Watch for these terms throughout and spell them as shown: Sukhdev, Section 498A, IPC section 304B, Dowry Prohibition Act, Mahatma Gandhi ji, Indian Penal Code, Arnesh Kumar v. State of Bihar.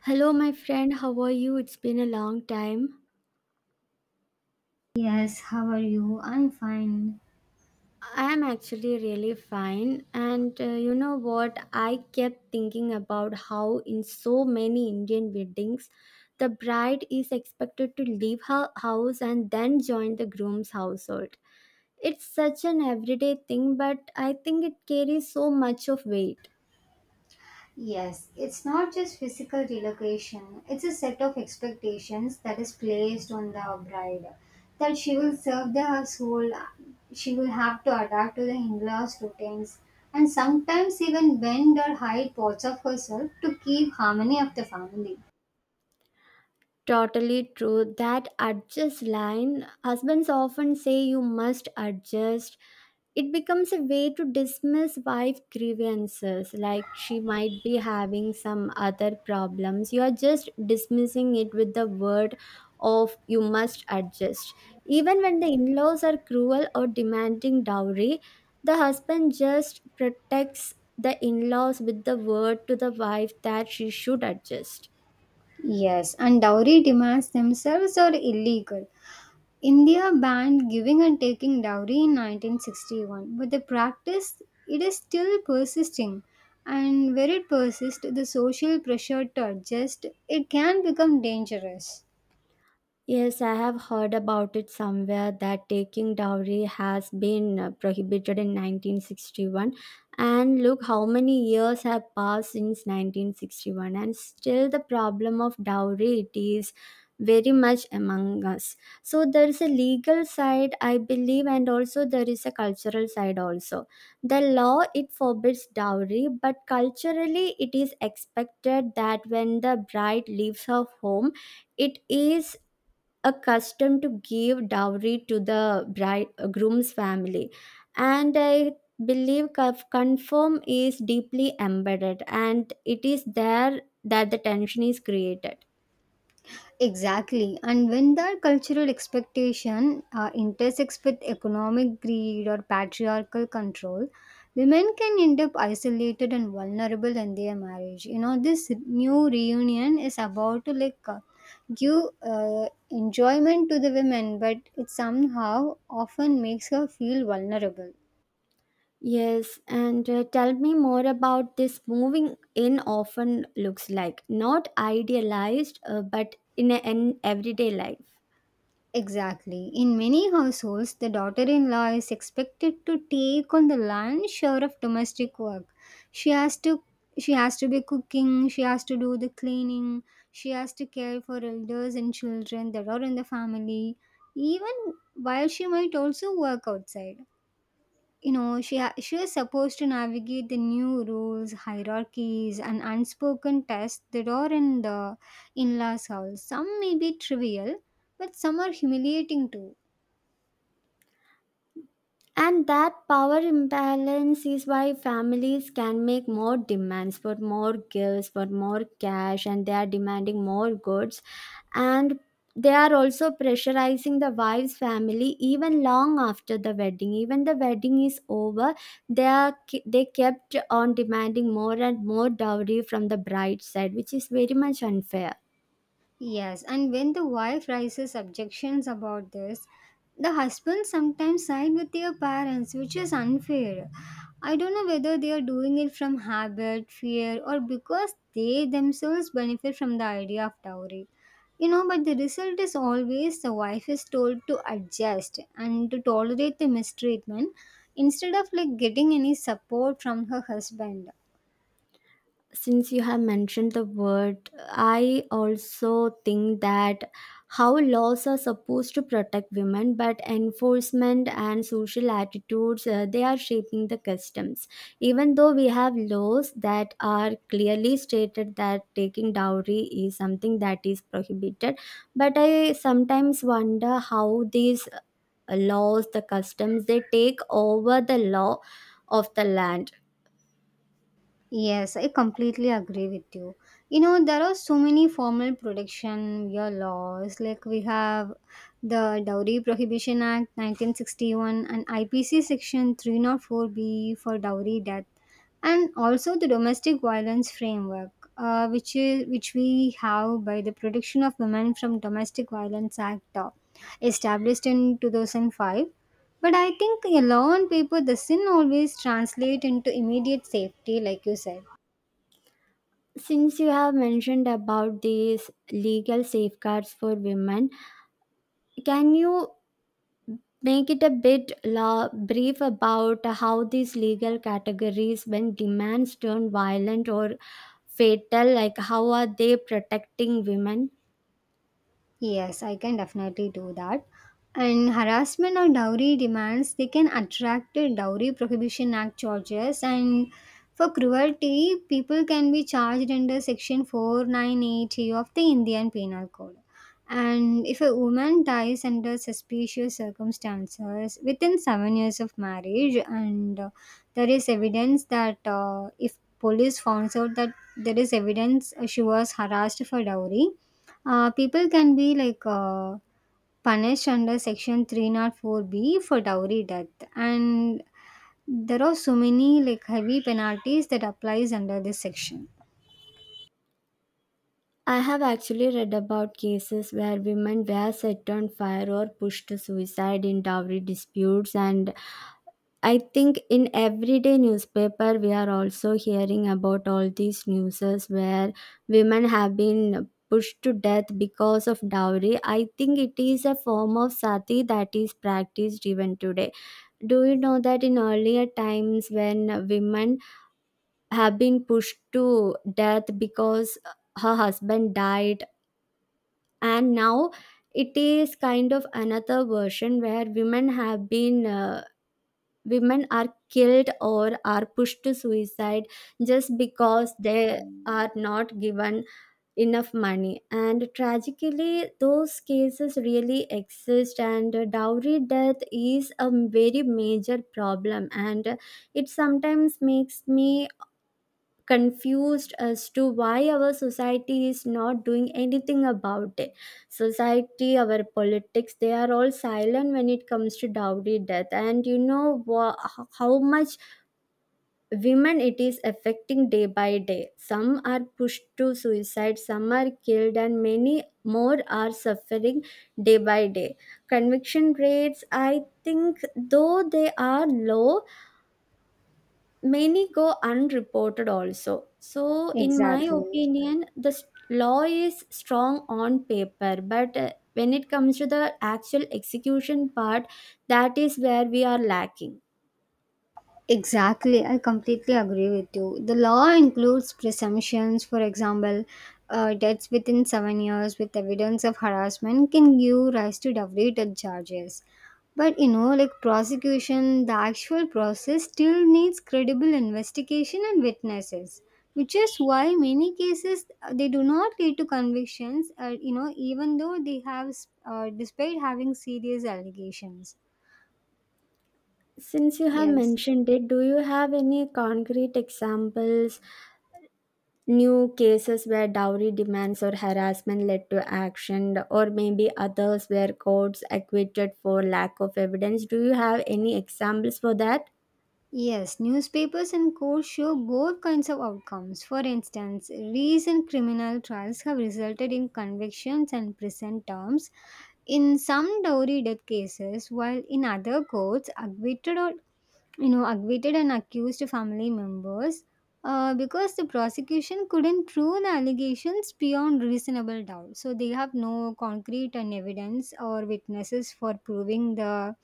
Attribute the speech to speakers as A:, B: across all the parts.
A: Hello, my friend. How are you? It's been a long time.
B: Yes, how are you? I'm fine.
A: I am actually really fine. And you know what? I kept thinking about how, in so many Indian weddings, the bride is expected to leave her house and then join the groom's household. It's such an everyday thing, but I think it carries so much of weight.
B: Yes, it's not just physical relocation, it's a set of expectations that is placed on the bride that she will serve the household, she will have to adapt to the in laws' routines, and sometimes even bend or hide parts of herself to keep harmony of the family.
A: Totally true. That adjust line, husbands often say you must adjust. It becomes a way to dismiss wife grievances, like she might be having some other problems. You are just dismissing it with the word of you must adjust. Even when the in laws are cruel or demanding dowry, the husband just protects the in laws with the word to the wife that she should adjust.
B: Yes, and dowry demands themselves are illegal. India banned giving and taking dowry in 1961, but the practice it is still persisting. And where it persists, the social pressure to adjust it can become dangerous.
A: Yes, I have heard about it somewhere that taking dowry has been prohibited in 1961. And look how many years have passed since 1961, and still the problem of dowry it is very much among us. So there is a legal side, I believe, and also there is a cultural side also. The law it forbids dowry, but culturally it is expected that when the bride leaves her home, it is accustomed to give dowry to the bride groom's family and I believe confirm is deeply embedded, and it is there that the tension is created.
B: Exactly. And when that cultural expectation intersects with economic greed or patriarchal control, women can end up isolated and vulnerable in their marriage. You know, this new reunion is about to like give enjoyment to the women, but it somehow often makes her feel vulnerable.
A: Yes, and tell me more about this moving in. Often looks like not idealized, but in an everyday life.
B: Exactly. In many households, the daughter in law is expected to take on the lion's share of domestic work. She has to she has to be cooking, she has to do the cleaning, she has to care for elders and children that are in the family, even while she might also work outside. You know, she is supposed to navigate the new rules, hierarchies, and unspoken tests that are in the in-laws house. Some may be trivial, but some are humiliating too.
A: And that power imbalance is why families can make more demands for more gifts, for more cash, and they are demanding more goods. And they are also pressurizing the wife's family even long after the wedding. Even the wedding is over, they kept on demanding more and more dowry from the bride's side, which is very much unfair.
B: Yes, and when the wife raises objections about this, the husband sometimes side with their parents, which is unfair. I don't know whether they are doing it from habit, fear, or because they themselves benefit from the idea of dowry. You know, but the result is always the wife is told to adjust and to tolerate the mistreatment instead of like getting any support from her husband.
A: Since you have mentioned the word, I also think that how laws are supposed to protect women, but enforcement and social attitudes, they are shaping the customs. Even though we have laws that are clearly stated that taking dowry is something that is prohibited, but I sometimes wonder how these laws, the customs, they take over the law of the land.
B: Yes, I completely agree with you. You know, there are so many formal protection your laws. Like we have the Dowry Prohibition Act 1961 and IPC section 304B for dowry death, and also the domestic violence framework, which we have by the protection of women from domestic violence act, established in 2005. But I think a law on paper doesn't always translate into immediate safety, like you said.
A: Since you have mentioned about these legal safeguards for women, can you make it a bit brief about how these legal categories, when demands turn violent or fatal, like how are they protecting women?
B: Yes, I can definitely do that. And harassment or dowry demands, they can attract a Dowry Prohibition Act charges. And for cruelty, people can be charged under Section 498A of the Indian Penal Code. And if a woman dies under suspicious circumstances within 7 years of marriage, and there is evidence that, if police found out that there is evidence she was harassed for dowry, people can be like punished under section 304b for dowry death, and there are so many like heavy penalties that applies under this section.
A: I have actually read about cases where women were set on fire or pushed to suicide in dowry disputes, and I think in everyday newspaper we are also hearing about all these newses where women have been pushed to death because of dowry. I think it is a form of sati that is practiced even today. Do you know that in earlier times when women have been pushed to death because her husband died, and now it is kind of another version where women have been women are killed or are pushed to suicide just because they are not given enough money. And tragically those cases really exist, and dowry death is a very major problem, and it sometimes makes me confused as to why our society is not doing anything about it. Society, our politics, they are all silent when it comes to dowry death, and you know how much women it is affecting day by day. Some are pushed to suicide, some are killed, and many more are suffering day by day. Conviction rates, I think, though they are low, many go unreported also. So in my
B: Exactly.
A: opinion, the law is strong on paper, but when it comes to the actual execution part, that is where we are lacking.
B: Exactly, I completely agree with you. The law includes presumptions. For example, debts within 7 years with evidence of harassment can give rise to double charges. But you know, like prosecution, the actual process still needs credible investigation and witnesses, which is why many cases they do not lead to convictions. You know, even though they have, despite having serious allegations.
A: Since you have
B: Yes.
A: mentioned it, do you have any concrete examples, new cases where dowry demands or harassment led to action, or maybe others where courts acquitted for lack of evidence? Do you have any examples for that?
B: Yes, newspapers and courts show both kinds of outcomes. For instance, recent criminal trials have resulted in convictions and prison terms in some dowry death cases, while in other courts, acquitted or, you know, acquitted and accused family members, because the prosecution couldn't prove the allegations beyond reasonable doubt, so they have no concrete and evidence or witnesses for proving the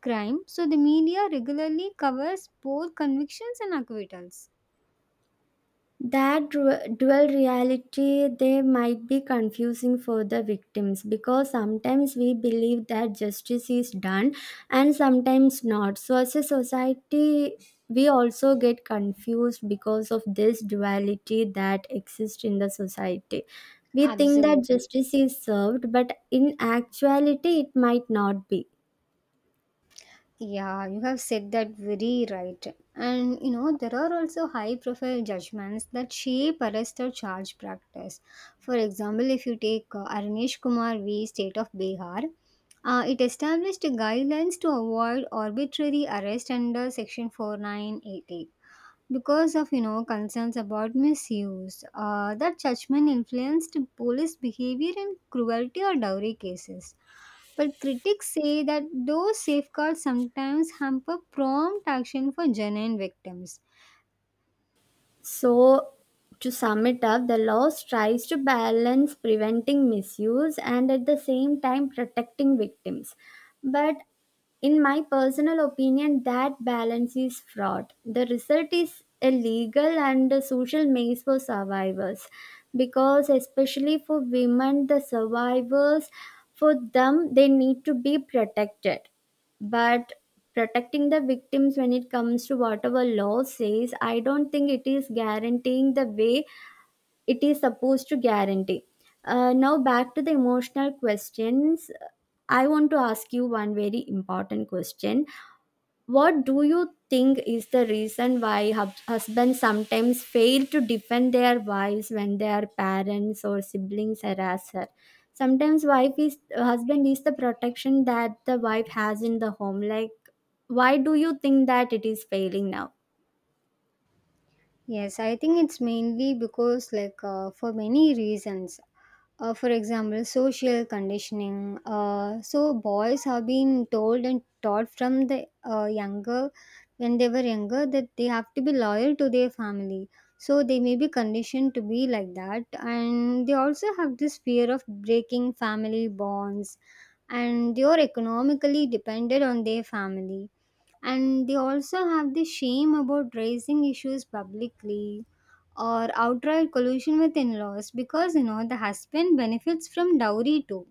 B: crime. So the media regularly covers both convictions and acquittals.
A: That dual reality, they might be confusing for the victims, because sometimes we believe that justice is done and sometimes not. So, as a society, we also get confused because of this duality that exists in the society. We think that
B: Absolutely.
A: justice is served, but in actuality, it might not be.
B: Yeah, you have said that very right. And you know, there are also high profile judgments that shape arrest or charge practice. For example, if you take Arnesh Kumar v. State of Bihar, it established guidelines to avoid arbitrary arrest under Section 4988, because of, you know, concerns about misuse. That judgment influenced police behavior in cruelty or dowry cases, but critics say that those safeguards sometimes hamper prompt action for genuine victims.
A: So, to sum it up, the law tries to balance preventing misuse and at the same time protecting victims. But in my personal opinion, that balance is fraught. The result is a legal and a social maze for survivors, because, especially for women, the survivors, for them, they need to be protected, but protecting the victims when it comes to whatever law says, I don't think it is guaranteeing the way it is supposed to guarantee. Now back to the emotional questions. I want to ask you one very important question. What do you think is the reason why husbands sometimes fail to defend their wives when their parents or siblings harass her? Sometimes wife is husband is the protection that the wife has in the home. Like, why do you think that it is failing now?
B: Yes, I think it's mainly because, like, for many reasons. For example, social conditioning. So, boys have been told and taught from the younger, when they were younger, that they have to be loyal to their family. So, they may be conditioned to be like that. And they also have this fear of breaking family bonds. And they are economically dependent on their family, and they also have the shame about raising issues publicly, or outright collusion with in-laws because, you know, the husband benefits from dowry too,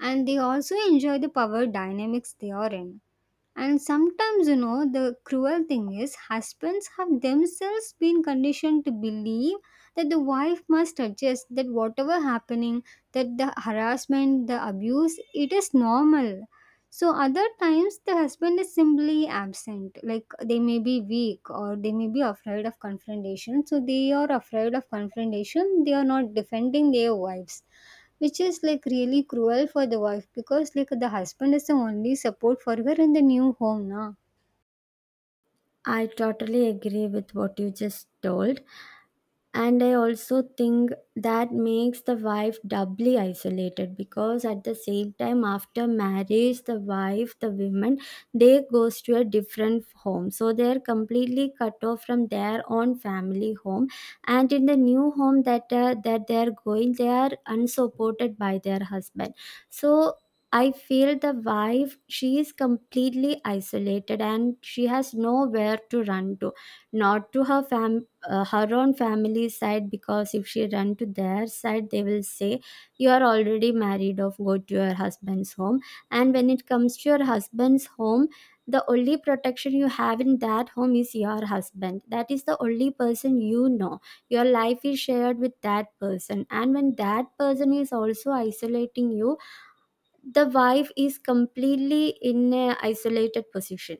B: and they also enjoy the power dynamics they are in. And sometimes, you know, the cruel thing is husbands have themselves been conditioned to believe that the wife must adjust, that whatever happening, that the harassment, the abuse, it is normal. So other times the husband is simply absent, like they may be weak or they may be afraid of confrontation. So they are afraid of confrontation, they are not defending their wives, which is like really cruel for the wife because like the husband is the only support for her in the new home na.
A: I totally agree with what you just told. And I also think that makes the wife doubly isolated, because at the same time, after marriage, the wife, the women, they goes to a different home, so they're completely cut off from their own family home, and in the new home that that they're going, they are unsupported by their husband. So I feel the wife, she is completely isolated and she has nowhere to run to. Not to her family, her own family side, because if she run to their side they will say you are already married off, go to your husband's home. And when it comes to your husband's home, the only protection you have in that home is your husband. That is the only person, you know, your life is shared with that person, and when that person is also isolating you, the wife is completely in a isolated position.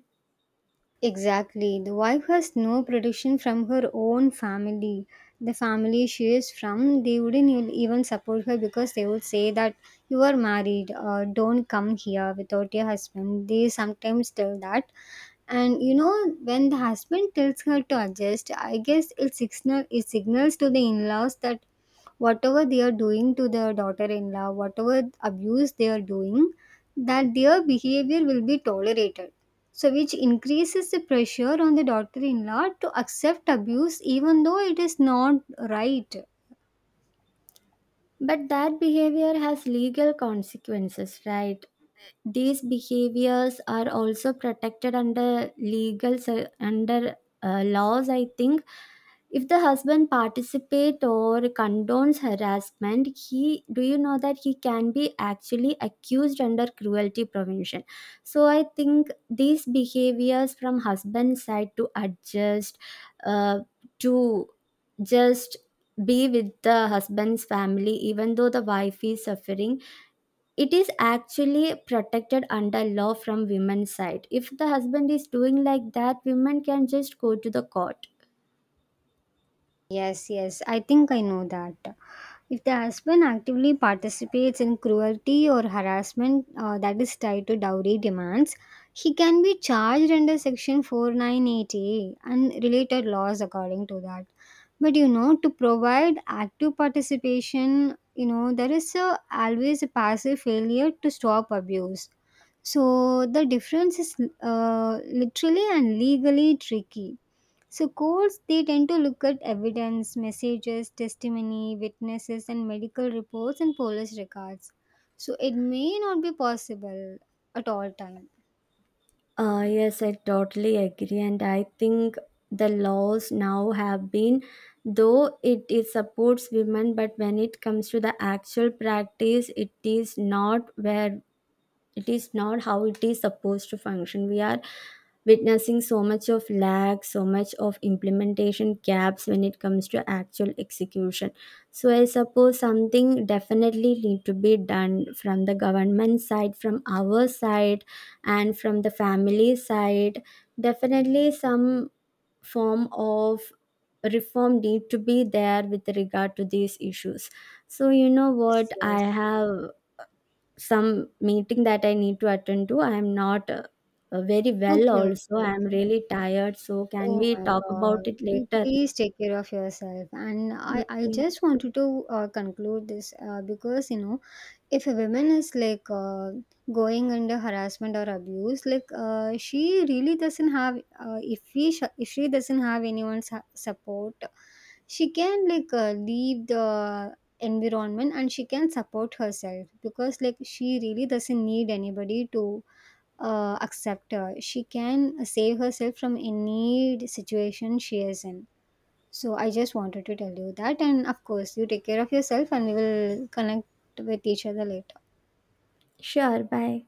B: Exactly, the wife has no protection from her own family. The family she is from, they wouldn't even support her because they would say that, "You are married, don't come here without your husband." They sometimes tell that. And you know, when the husband tells her to adjust, I guess it, signal, it signals to the in laws that whatever they are doing to their daughter in law, whatever abuse they are doing, that their behavior will be tolerated. So, which increases the pressure on the daughter in law to accept abuse even though it is not right.
A: But that behavior has legal consequences, right? These behaviors are also protected under legal under laws. I think if the husband participate or condones harassment, he, do you know that he can be actually accused under cruelty prevention. So I think these behaviors from husband side to adjust, uh, to just be with the husband's family even though the wife is suffering, it is actually protected under law from women's side. If the husband is doing like that, women can just go to the court.
B: Yes, yes, I think I know that. If the husband actively participates in cruelty or harassment that is tied to dowry demands, he can be charged under Section 498A and related laws according to that. But you know, to provide active participation, you know, there is a, always a passive failure to stop abuse. So the difference is literally and legally tricky. So courts they tend to look at evidence, messages, testimony, witnesses and medical reports and police records. So it may not be possible at all times.
A: Yes, I totally agree, and I think the laws now have been, though it supports women, but when it comes to the actual practice, it is not where, it is not how it is supposed to function. We are witnessing so much of lag, so much of implementation gaps when it comes to actual execution. So I suppose something definitely need to be done from the government side, from our side, and from the family side. Definitely some form of reform need to be there with regard to these issues. So you know
B: Yes,
A: what, I
B: yes.
A: have some meeting that I need to attend to. I am not very well
B: Okay,
A: also.
B: okay,
A: I am
B: okay.
A: really tired. So can
B: Oh
A: we
B: my
A: talk
B: God.
A: about it
B: You
A: later?
B: please take care of yourself. And I
A: Okay.
B: just wanted to conclude this because, you know, if a woman is like going under harassment or abuse, like, she really doesn't have if we if she doesn't have anyone's support, she can like leave the environment and she can support herself, because like she really doesn't need anybody to accept her. She can save herself from any situation she is in. So I just wanted to tell you that, and of course you take care of yourself and we will connect with each other later.
A: Sure. Bye.